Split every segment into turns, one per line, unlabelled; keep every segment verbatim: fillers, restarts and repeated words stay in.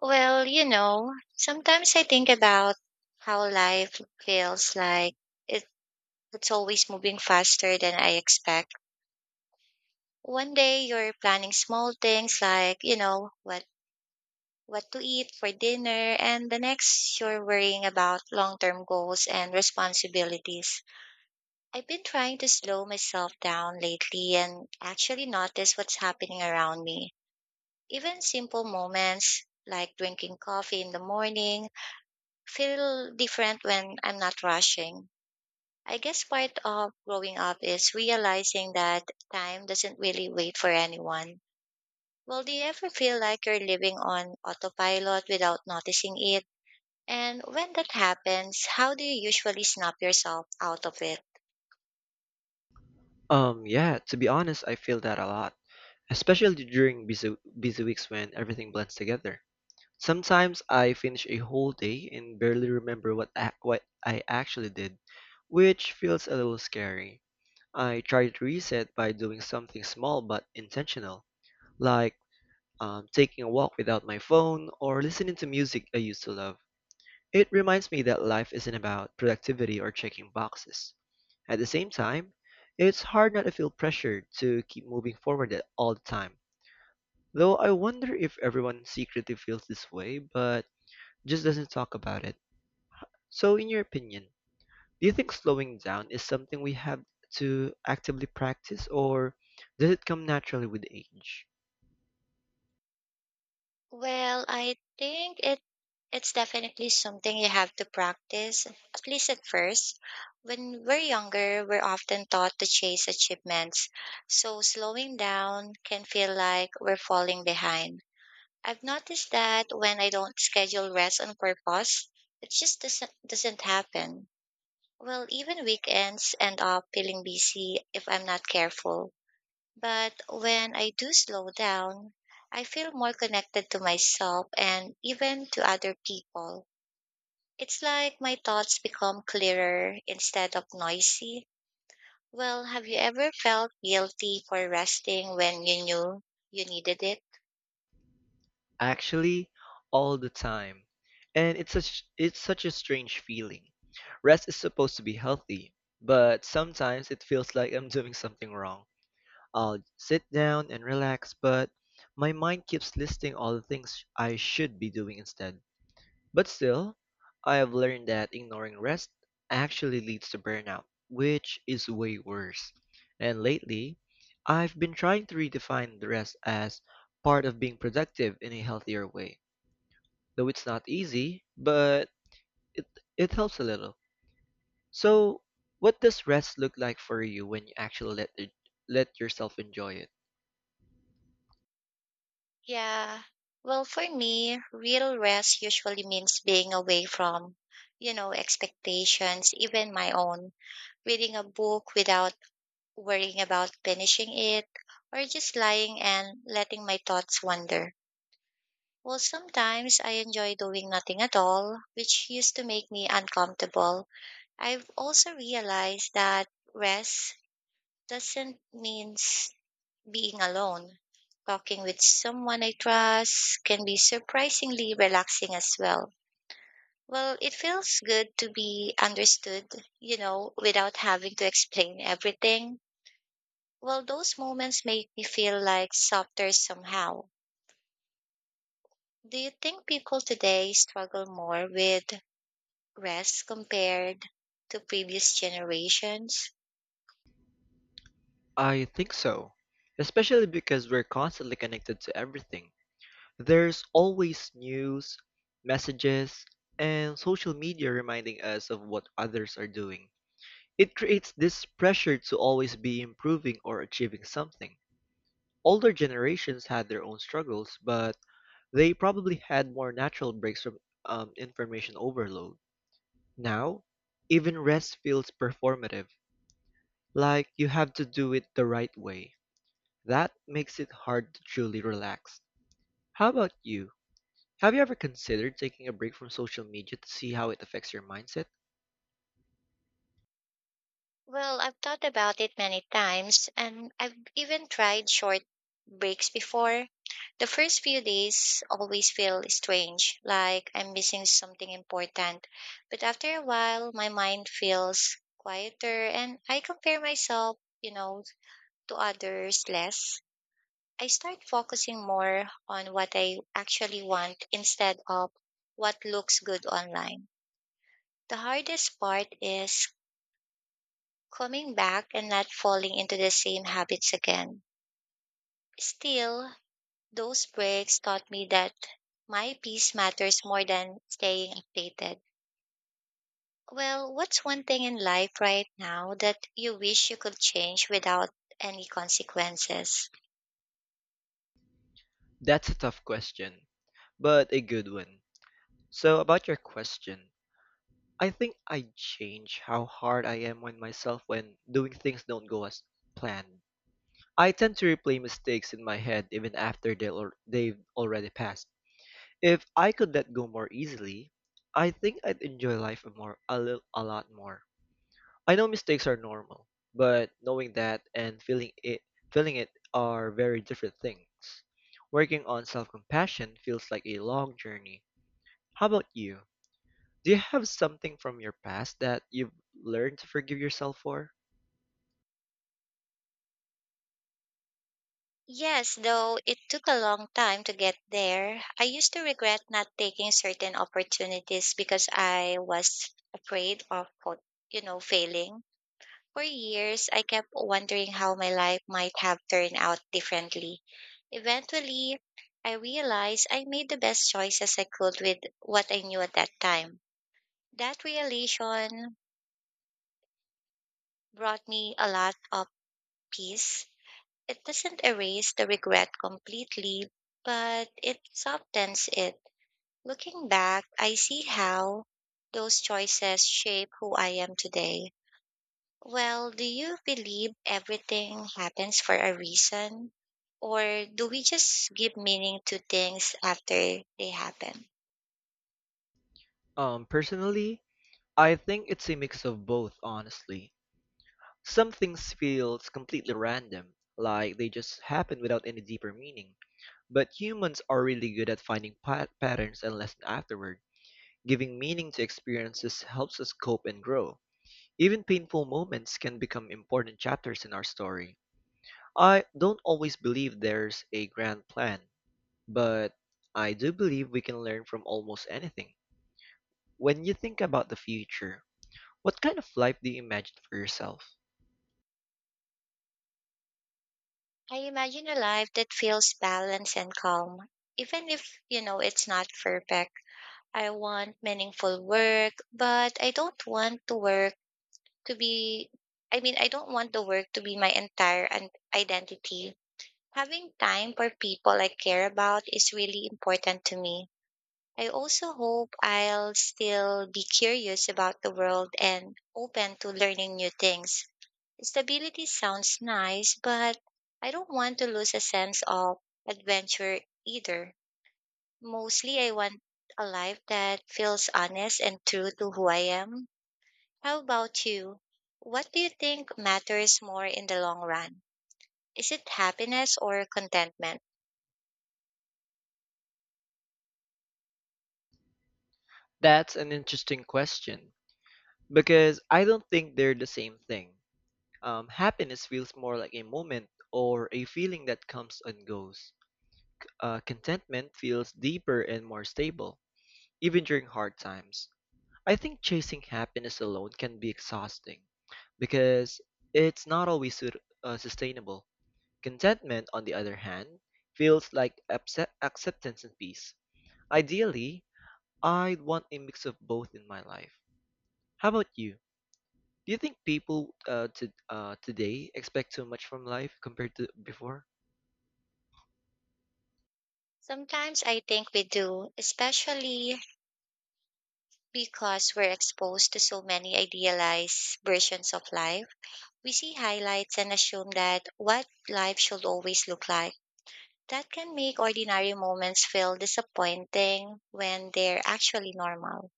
Well, you know, sometimes I think about how life feels like it, it's always moving faster than I expect. One day you're planning small things like, you know, what what to eat for dinner, and the next you're worrying about long-term goals and responsibilities. I've been trying to slow myself down lately and actually notice what's happening around me. Even simple moments like drinking coffee in the morning feel different when I'm not rushing. I guess part of growing up is realizing that time doesn't really wait for anyone. Well, do you ever feel like you're living on autopilot without noticing it? And when that happens, how do you usually snap yourself out of it?
Um, yeah, to be honest, I feel that a lot, especially during busy, busy weeks when everything blends together. Sometimes I finish a whole day and barely remember what ac- what I actually did, which feels a little scary. I try to reset by doing something small but intentional, like um, taking a walk without my phone or listening to music I used to love. It reminds me that life isn't about productivity or checking boxes. At the same time, it's hard not to feel pressured to keep moving forward at all the time. Though I wonder if everyone secretly feels this way, but just doesn't talk about it. So, in your opinion, do you think slowing down is something we have to actively practice, or does it come naturally with age?
Well, I think it it's definitely something you have to practice, at least at first. When we're younger, we're often taught to chase achievements, so slowing down can feel like we're falling behind. I've noticed that when I don't schedule rest on purpose, it just doesn't doesn't happen. Well, even weekends end up feeling busy if I'm not careful. But when I do slow down, I feel more connected to myself and even to other people. It's like my thoughts become clearer instead of noisy. Well, have you ever felt guilty for resting when you knew you needed it?
Actually, all the time. And it's such it's such a strange feeling. Rest is supposed to be healthy, but sometimes it feels like I'm doing something wrong. I'll sit down and relax, but my mind keeps listing all the things I should be doing instead. But still, I have learned that ignoring rest actually leads to burnout, which is way worse. And lately, I've been trying to redefine the rest as part of being productive in a healthier way. Though it's not easy, but it it helps a little. So, what does rest look like for you when you actually let it, let yourself enjoy it?
Yeah. Well, for me, real rest usually means being away from, you know, expectations, even my own. Reading a book without worrying about finishing it, or just lying and letting my thoughts wander. Well, sometimes I enjoy doing nothing at all, which used to make me uncomfortable. I've also realized that rest doesn't mean being alone. Talking with someone I trust can be surprisingly relaxing as well. Well, it feels good to be understood, you know, without having to explain everything. Well, those moments make me feel like softer somehow. Do you think people today struggle more with rest compared to previous generations?
I think so, especially because we're constantly connected to everything. There's always news, messages, and social media reminding us of what others are doing. It creates this pressure to always be improving or achieving something. Older generations had their own struggles, but they probably had more natural breaks from um, information overload. Now, even rest feels performative, like you have to do it the right way. That makes it hard to truly relax. How about you? Have you ever considered taking a break from social media to see how it affects your mindset?
Well, I've thought about it many times and I've even tried short breaks before. The first few days always feel strange, like I'm missing something important. But after a while, my mind feels quieter and I compare myself, you know, to others less. I start focusing more on what I actually want instead of what looks good online. The hardest part is coming back and not falling into the same habits again. Still, those breaks taught me that my peace matters more than staying updated. Well, what's one thing in life right now that you wish you could change without any consequences?
That's a tough question, but a good one. So, about your question, I think I change how hard I am on myself when doing things don't go as planned. I tend to replay mistakes in my head even after they al- they've already passed. If I could let go more easily, I think I'd enjoy life a more a, little, a lot more. I know mistakes are normal, but knowing that and feeling it feeling it are very different things. Working on self-compassion feels like a long journey. How about you? Do you have something from your past that you've learned to forgive yourself for?
Yes, though it took a long time to get there. I used to regret not taking certain opportunities because I was afraid of, quote, you know, failing. For years, I kept wondering how my life might have turned out differently. Eventually, I realized I made the best choices I could with what I knew at that time. That realization brought me a lot of peace. It doesn't erase the regret completely, but it softens it. Looking back, I see how those choices shape who I am today. Well, do you believe everything happens for a reason? Or do we just give meaning to things after they happen?
Um, personally, I think it's a mix of both, honestly. Some things feels completely random, like they just happen without any deeper meaning. But humans are really good at finding pat- patterns and lessons afterward. Giving meaning to experiences helps us cope and grow. Even painful moments can become important chapters in our story. I don't always believe there's a grand plan, but I do believe we can learn from almost anything. When you think about the future, what kind of life do you imagine for yourself?
I imagine a life that feels balanced and calm, even if, you know, it's not perfect. I want meaningful work, but I don't want to work to be I mean, I don't want the work to be my entire an- identity. Having time for people I care about is really important to me. I also hope I'll still be curious about the world and open to learning new things. Stability sounds nice, but I don't want to lose a sense of adventure either. Mostly, I want a life that feels honest and true to who I am. How about you? What do you think matters more in the long run? Is it happiness or contentment?
That's an interesting question because I don't think they're the same thing. Um, happiness feels more like a moment or a feeling that comes and goes. Uh, contentment feels deeper and more stable, even during hard times. I think chasing happiness alone can be exhausting because it's not always su- uh, sustainable. Contentment, on the other hand, feels like upset- acceptance and peace. Ideally, I'd want a mix of both in my life. How about you? Do you think people uh, to, uh, today expect too much from life compared to before?
Sometimes I think we do, especially because we're exposed to so many idealized versions of life. We see highlights and assume that what life should always look like. That can make ordinary moments feel disappointing when they're actually normal.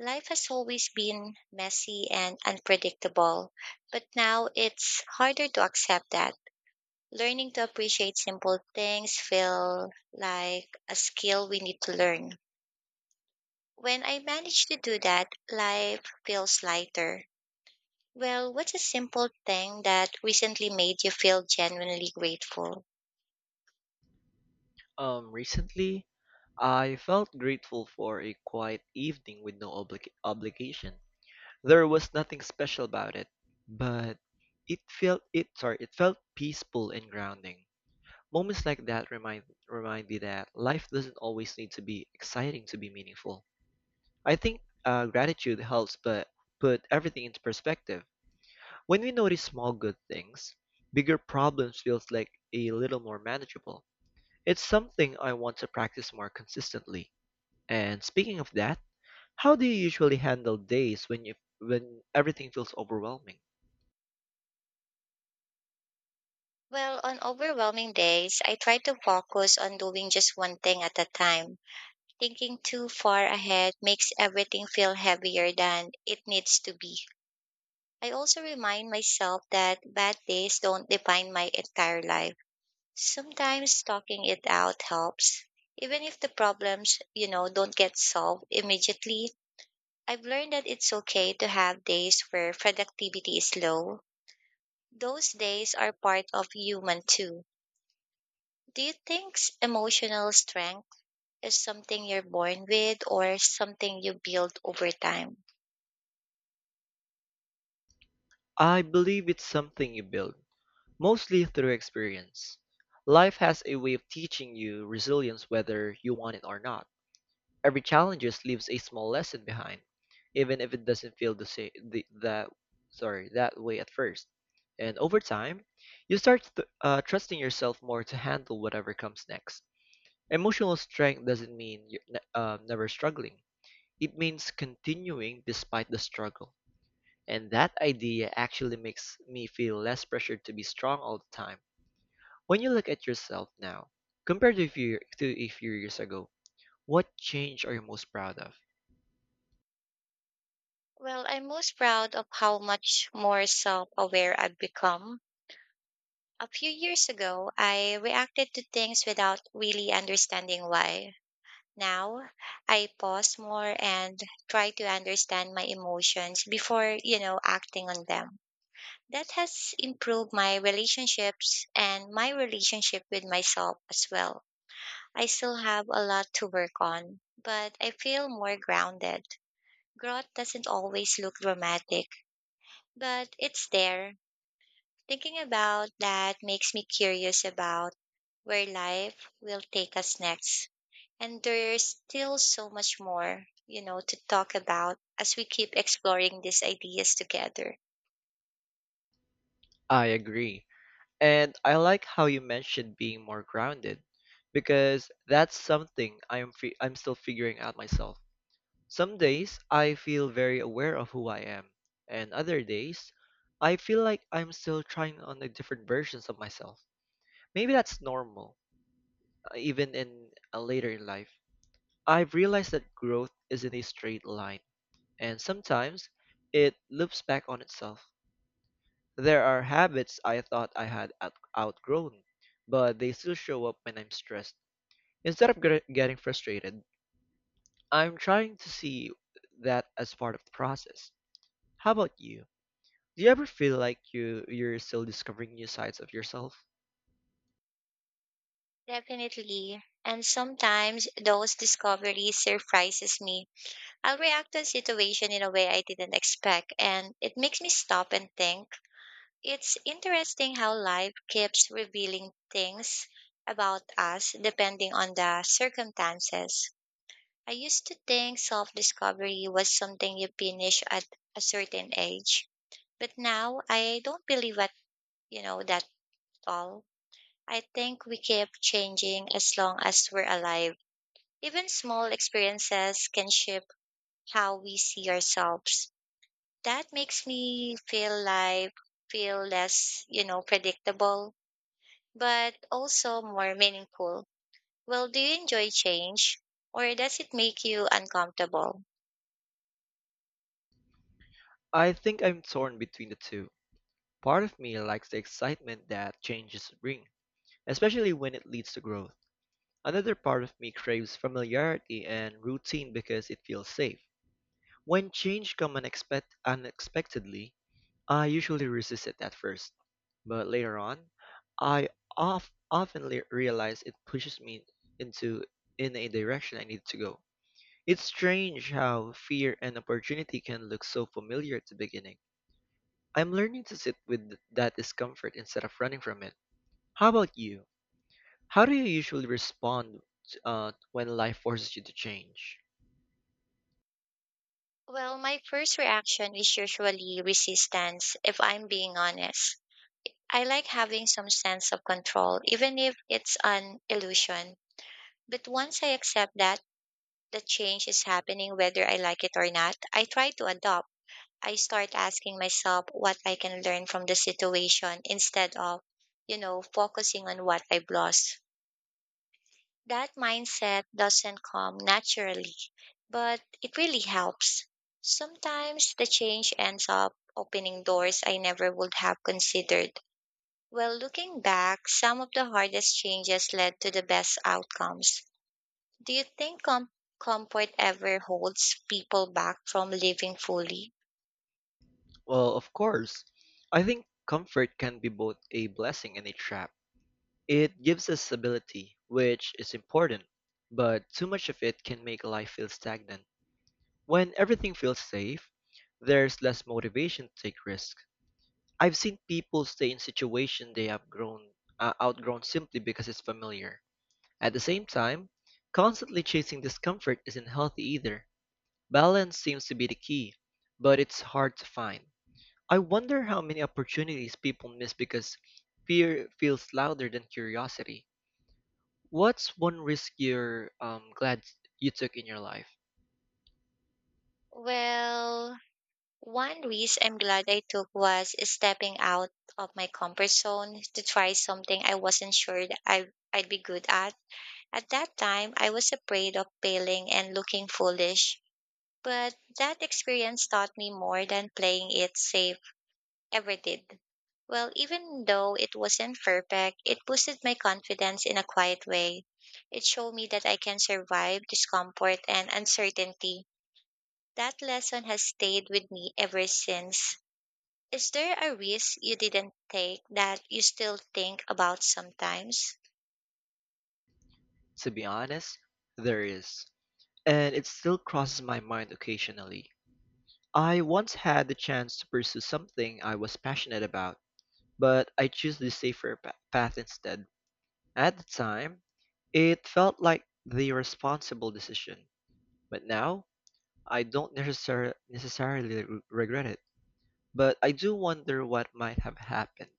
Life has always been messy and unpredictable, but now it's harder to accept that. Learning to appreciate simple things feel like a skill we need to learn. When I manage to do that, life feels lighter. Well, what's a simple thing that recently made you feel genuinely grateful?
Um, recently, I felt grateful for a quiet evening with no obli- obligation. There was nothing special about it, but it felt it sorry, it felt peaceful and grounding. Moments like that remind remind me that life doesn't always need to be exciting to be meaningful. I think uh, gratitude helps, but put everything into perspective. When we notice small good things, bigger problems feels like a little more manageable. It's something I want to practice more consistently. And speaking of that, how do you usually handle days when you when everything feels overwhelming?
Well, on overwhelming days, I try to focus on doing just one thing at a time. Thinking too far ahead makes everything feel heavier than it needs to be. I also remind myself that bad days don't define my entire life. Sometimes talking it out helps. Even if the problems, you know, don't get solved immediately, I've learned that it's okay to have days where productivity is low. Those days are part of human too. Do you think s- emotional strength is something you're born with or something you build over time?
I believe it's something you build, mostly through experience. Life has a way of teaching you resilience whether you want it or not. Every challenge leaves a small lesson behind, even if it doesn't feel the, sa- the that sorry, that way at first. And over time, you start th- uh, trusting yourself more to handle whatever comes next. Emotional strength doesn't mean you're ne- um, never struggling. It means continuing despite the struggle. And that idea actually makes me feel less pressured to be strong all the time. When you look at yourself now, compared to a few, year- to a few years ago, what change are you most proud of?
Well, I'm most proud of how much more self aware I've become. A few years ago, I reacted to things without really understanding why. Now, I pause more and try to understand my emotions before, you know, acting on them. That has improved my relationships and my relationship with myself as well. I still have a lot to work on, but I feel more grounded. Growth doesn't always look dramatic, but it's there. Thinking about that makes me curious about where life will take us next. And there's still so much more, you know, to talk about as we keep exploring these ideas together.
I agree. And I like how you mentioned being more grounded because that's something I'm fi- I'm still figuring out myself. Some days I feel very aware of who I am, and other days I feel like I'm still trying on the different versions of myself. Maybe that's normal, uh, even in a later in life. I've realized that growth isn't a straight line, and sometimes it loops back on itself. There are habits I thought I had out- outgrown, but they still show up when I'm stressed. Instead of gr- getting frustrated, I'm trying to see that as part of the process. How about you? Do you ever feel like you you're still discovering new sides of yourself?
Definitely. And sometimes those discoveries surprises me. I'll react to a situation in a way I didn't expect and it makes me stop and think. It's interesting how life keeps revealing things about us depending on the circumstances. I used to think self discovery was something you finish at a certain age, but now I don't believe that, you know, that all. I think we keep changing as long as we're alive. Even small experiences can shape how we see ourselves. That makes me feel life feel less, you know, predictable, but also more meaningful. Well, do you enjoy change or does it make you uncomfortable?
I think I'm torn between the two. Part of me likes the excitement that changes bring, especially when it leads to growth. Another part of me craves familiarity and routine because it feels safe. When change comes unexpect- unexpectedly, I usually resist it at first, but later on, I of- often le- realize it pushes me into in a direction I need to go. It's strange how fear and opportunity can look so familiar at the beginning. I'm learning to sit with th- that discomfort instead of running from it. How about you? How do you usually respond uh, when life forces you to change?
Well, my first reaction is usually resistance, if I'm being honest. I like having some sense of control, even if it's an illusion. But once I accept that the change is happening whether I like it or not, I try to adopt. I start asking myself what I can learn from the situation instead of, you know, focusing on what I've lost. That mindset doesn't come naturally but it really helps. Sometimes the change ends up opening doors I never would have considered. Well, looking back, some of the hardest changes led to the best outcomes. Do you think com- comfort ever holds people back from living fully?
Well, of course, I think comfort can be both a blessing and a trap. It gives us stability, which is important, but too much of it can make life feel stagnant. When everything feels safe, there's less motivation to take risks. I've seen people stay in situation they have grown uh, outgrown simply because it's familiar. At the same time, constantly chasing discomfort isn't healthy either. Balance seems to be the key, but it's hard to find. I wonder how many opportunities people miss because fear feels louder than curiosity. What's one risk you're um, glad you took in your life?
Well, one risk I'm glad I took was stepping out of my comfort zone to try something I wasn't sure that I I'd be good at. At that time I was afraid of failing and looking foolish, but that experience taught me more than playing it safe ever did. Well, even though it wasn't perfect, it boosted my confidence in a quiet way. It showed me that I can survive discomfort and uncertainty. That lesson has stayed with me ever since. Is there a risk you didn't take that you still think about sometimes?
To be honest, there is. And it still crosses my mind occasionally. I once had the chance to pursue something I was passionate about, but I chose the safer pa- path instead. At the time, it felt like the responsible decision, but now I don't necessar- necessarily re- regret it. But I do wonder what might have happened.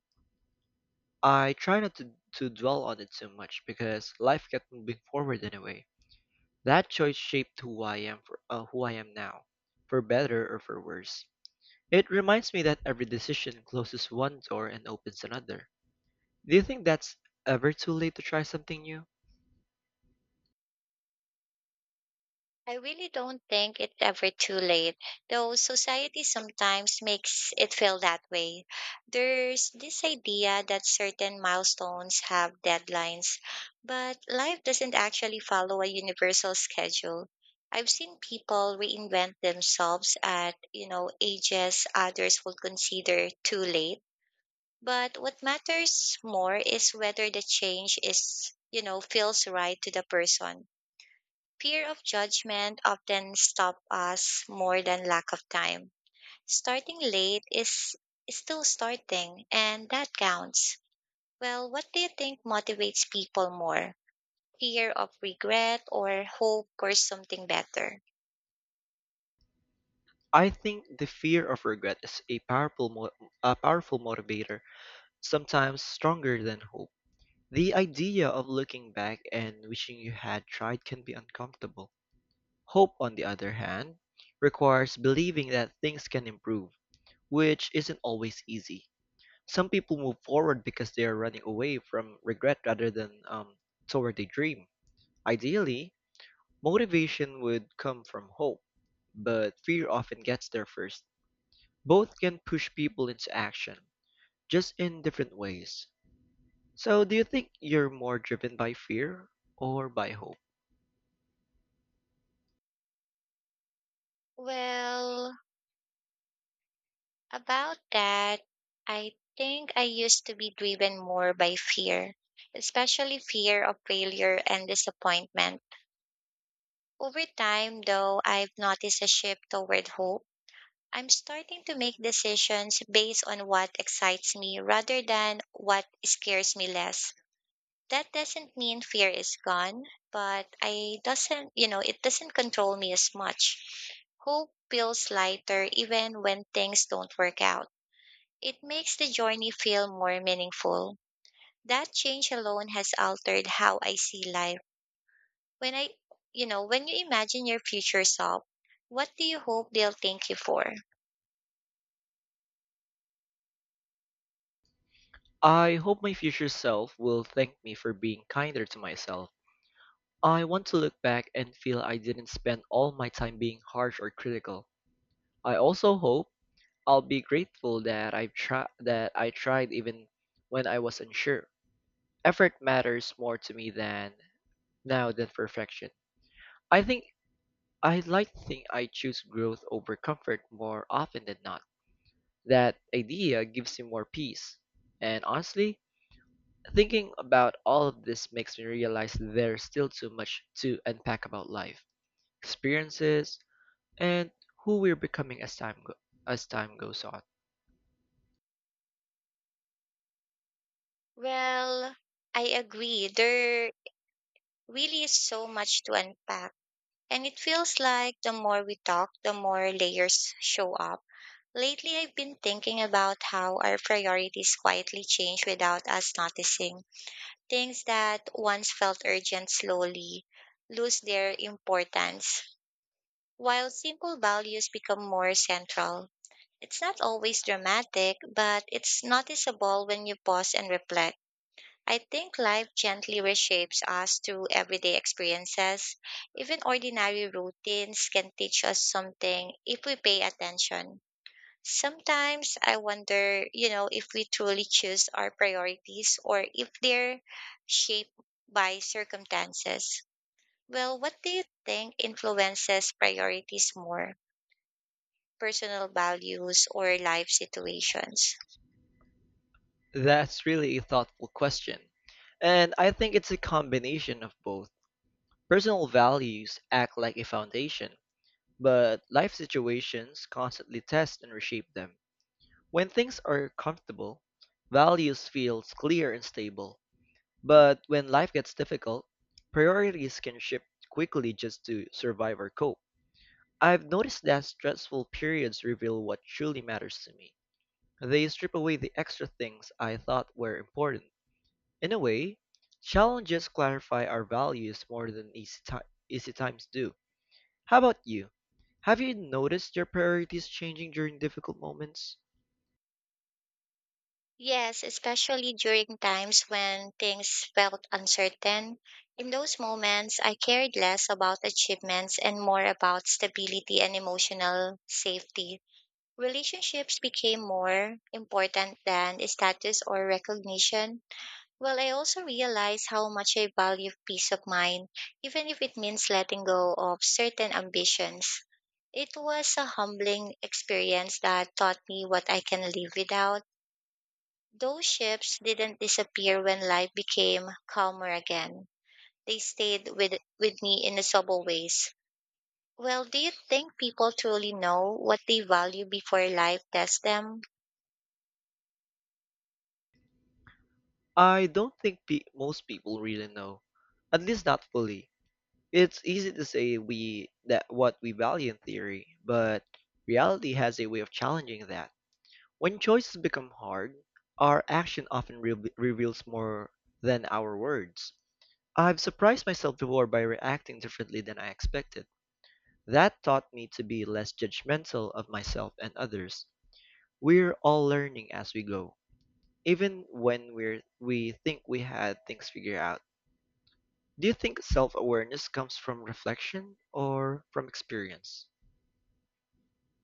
I try not to, to dwell on it too much because life kept moving forward anyway. That choice shaped who I am for uh, who I am now, for better or for worse. It reminds me that every decision closes one door and opens another. Do you think that's ever too late to try something new?
I really don't think it's ever too late, though society sometimes makes it feel that way. There's this idea that certain milestones have deadlines, but life doesn't actually follow a universal schedule. I've seen people reinvent themselves at, you know, ages others would consider too late. But what matters more is whether the change is, you know, feels right to the person. Fear of judgment often stop us more than lack of time. Starting late is is still starting, and that counts. Well, what do you think motivates people more? Fear of regret or hope for something better?
I think the fear of regret is a powerful mo- a powerful motivator, sometimes stronger than hope. The idea of looking back and wishing you had tried can be uncomfortable. Hope, on the other hand, requires believing that things can improve, which isn't always easy. Some people move forward because they are running away from regret rather than um, toward a dream. Ideally, motivation would come from hope, but fear often gets there first. Both can push people into action, just in different ways. So, do you think you're more driven by fear or by hope?
Well, about that, I think I used to be driven more by fear, especially fear of failure and disappointment. Over time, though, I've noticed a shift toward hope. I'm starting to make decisions based on what excites me rather than what scares me less. That doesn't mean fear is gone, but I doesn't, you know, it doesn't control me as much. Hope feels lighter even when things don't work out. It makes the journey feel more meaningful. That change alone has altered how I see life. When I, you know, when you imagine your future self, what do you hope they'll thank you for?
I hope my future self will thank me for being kinder to myself. I want to look back and feel I didn't spend all my time being harsh or critical. I also hope I'll be grateful that I've tried that I tried even when I was unsure. Effort matters more to me than now than perfection. I think I like to think I choose growth over comfort more often than not. That idea gives me more peace. And honestly, thinking about all of this makes me realize there's still too much to unpack about life, experiences, and who we're becoming as time go- as time goes on.
Well, I agree. There really is so much to unpack. And it feels like the more we talk, the more layers show up. Lately, I've been thinking about how our priorities quietly change without us noticing. Things that once felt urgent slowly lose their importance, while simple values become more central. It's not always dramatic, but it's noticeable when you pause and reflect. I think life gently reshapes us through everyday experiences. Even ordinary routines can teach us something if we pay attention. Sometimes I wonder, you know, if we truly choose our priorities or if they're shaped by circumstances. Well, what do you think influences priorities more? Personal values or life situations?
That's really a thoughtful question. And I think it's a combination of both. Personal values act like a foundation, but life situations constantly test and reshape them. When things are comfortable, values feel clear and stable. But when life gets difficult, priorities can shift quickly just to survive or cope. I've noticed that stressful periods reveal what truly matters to me. They strip away the extra things I thought were important. In a way, challenges clarify our values more than easy, ti- easy times do. How about you? Have you noticed your priorities changing during difficult moments?
Yes, especially during times when things felt uncertain. In those moments, I cared less about achievements and more about stability and emotional safety. Relationships became more important than status or recognition. Well, I also realized how much I value peace of mind, even if it means letting go of certain ambitions. It was a humbling experience that taught me what I can live without those ships didn't disappear when life became calmer again. They stayed with, with me in subtle ways. Well, do you think people truly know what they value before life tests them?
I don't think pe- most people really know, at least not fully. It's easy to say we that what we value in theory, but reality has a way of challenging that. When choices become hard, our action often re- reveals more than our words. I've surprised myself before by reacting differently than I expected. That taught me to be less judgmental of myself and others. We're all learning as we go, even when we're, we think we had things figured out. Do you think self awareness comes from reflection or from experience?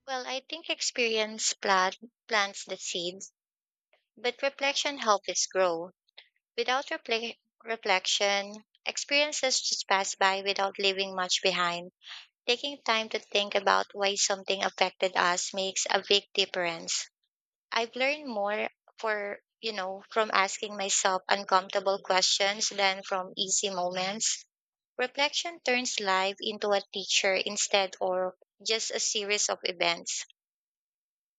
Well, I think experience plant, plants the seeds, but reflection helps it grow. Without repl- reflection, experiences just pass by without leaving much behind. Taking time to think about why something affected us makes a big difference. I've learned more for, you know, from asking myself uncomfortable questions than from easy moments. Reflection turns life into a teacher instead or just a series of events.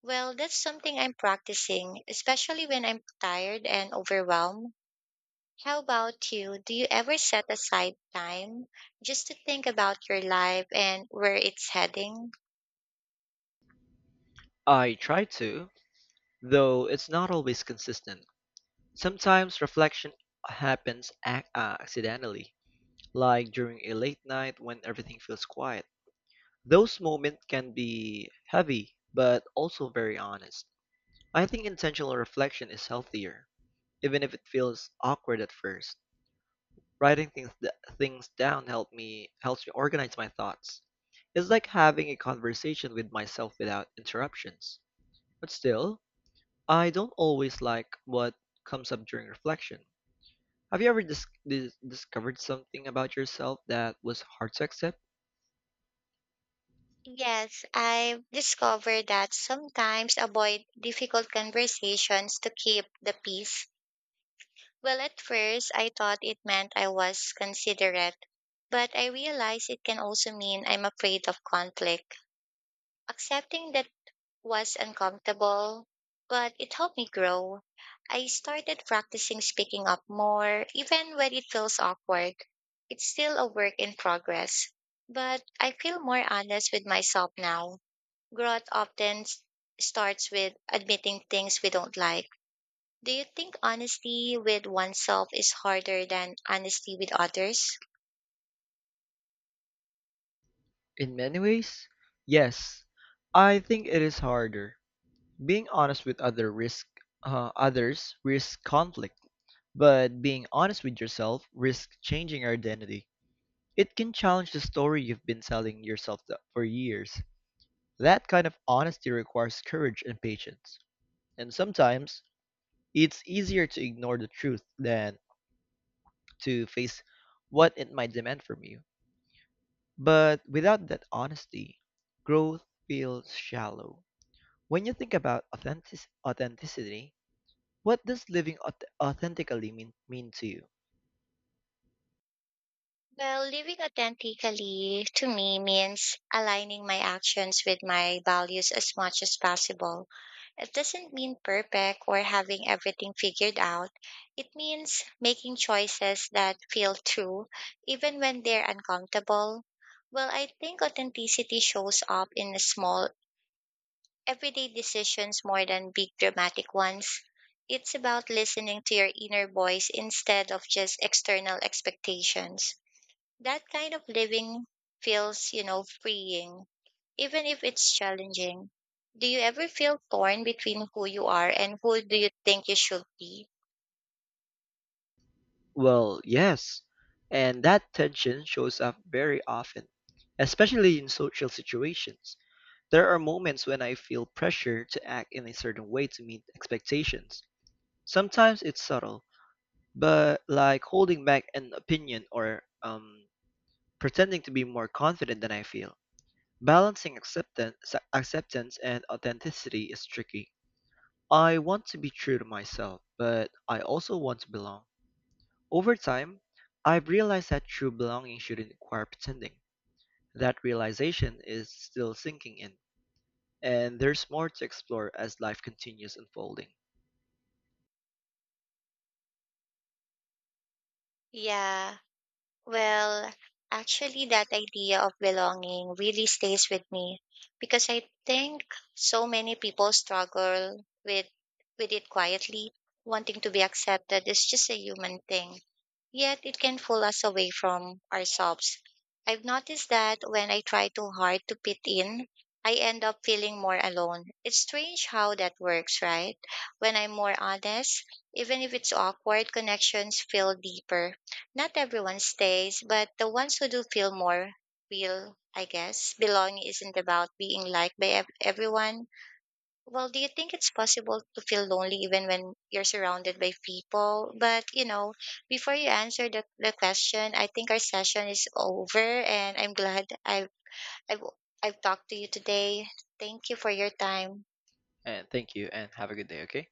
Well, that's something I'm practicing, especially when I'm tired and overwhelmed. How about you? Do you ever set aside time just to think about your life and where it's heading?
I try to, though it's not always consistent. Sometimes reflection happens ac- uh, accidentally, like during a late night when everything feels quiet. Those moments can be heavy, but also very honest. I think intentional reflection is healthier, even if it feels awkward at first. Writing things d- things down help me helps me organize my thoughts. It's like having a conversation with myself without interruptions. But still, I don't always like what comes up during reflection. Have you ever dis- dis- discovered something about yourself that was hard to accept?
Yes, I've discovered that sometimes avoid difficult conversations to keep the peace. Well, at first, I thought it meant I was considerate, but I realized it can also mean I'm afraid of conflict. Accepting that was uncomfortable, but it helped me grow. I started practicing speaking up more, even when it feels awkward. It's still a work in progress, but I feel more honest with myself now. Growth often s- starts with admitting things we don't like. Do you think honesty with oneself is harder than honesty with others?
In many ways, yes. I think it is harder. Being honest with other risk uh, others risk conflict, but being honest with yourself risks changing your identity. It can challenge the story you've been telling yourself th- for years. That kind of honesty requires courage and patience. And sometimes, it's easier to ignore the truth than to face what it might demand from you. But without that honesty, growth feels shallow. When you think about authentic- authenticity, what does living auth- authentically mean, mean to you?
Well, living authentically to me means aligning my actions with my values as much as possible. It doesn't mean perfect or having everything figured out. It means making choices that feel true, even when they're uncomfortable. Well, I think authenticity shows up in small everyday decisions more than big dramatic ones. It's about listening to your inner voice instead of just external expectations. That kind of living feels, you know, freeing, even if it's challenging. Do you ever feel torn between who you are and who do you think you should be?
Well, yes, and that tension shows up very often, especially in social situations. There are moments when I feel pressure to act in a certain way to meet expectations. Sometimes it's subtle, but like holding back an opinion or um, pretending to be more confident than I feel. Balancing acceptance, acceptance and authenticity is tricky. I want to be true to myself, but I also want to belong. Over time, I've realized that true belonging shouldn't require pretending. That realization is still sinking in, and there's more to explore as life continues unfolding.
Yeah. Well, actually, that idea of belonging really stays with me because I think so many people struggle with with it quietly. Wanting to be accepted is just a human thing, yet it can pull us away from ourselves. I've noticed that when I try too hard to fit in, I end up feeling more alone. It's strange how that works, right? When I'm more honest, even if it's awkward, connections feel deeper not everyone stays, but the ones who do feel more real, I guess. Belonging isn't about being liked by ev- everyone. Well, do you think it's possible to feel lonely even when you're surrounded by people? But, you know, before you answer the, the question, I think our session is over and I'm glad I've, I've, I've talked to you today. Thank you for your time.
And thank you, and have a good day, okay?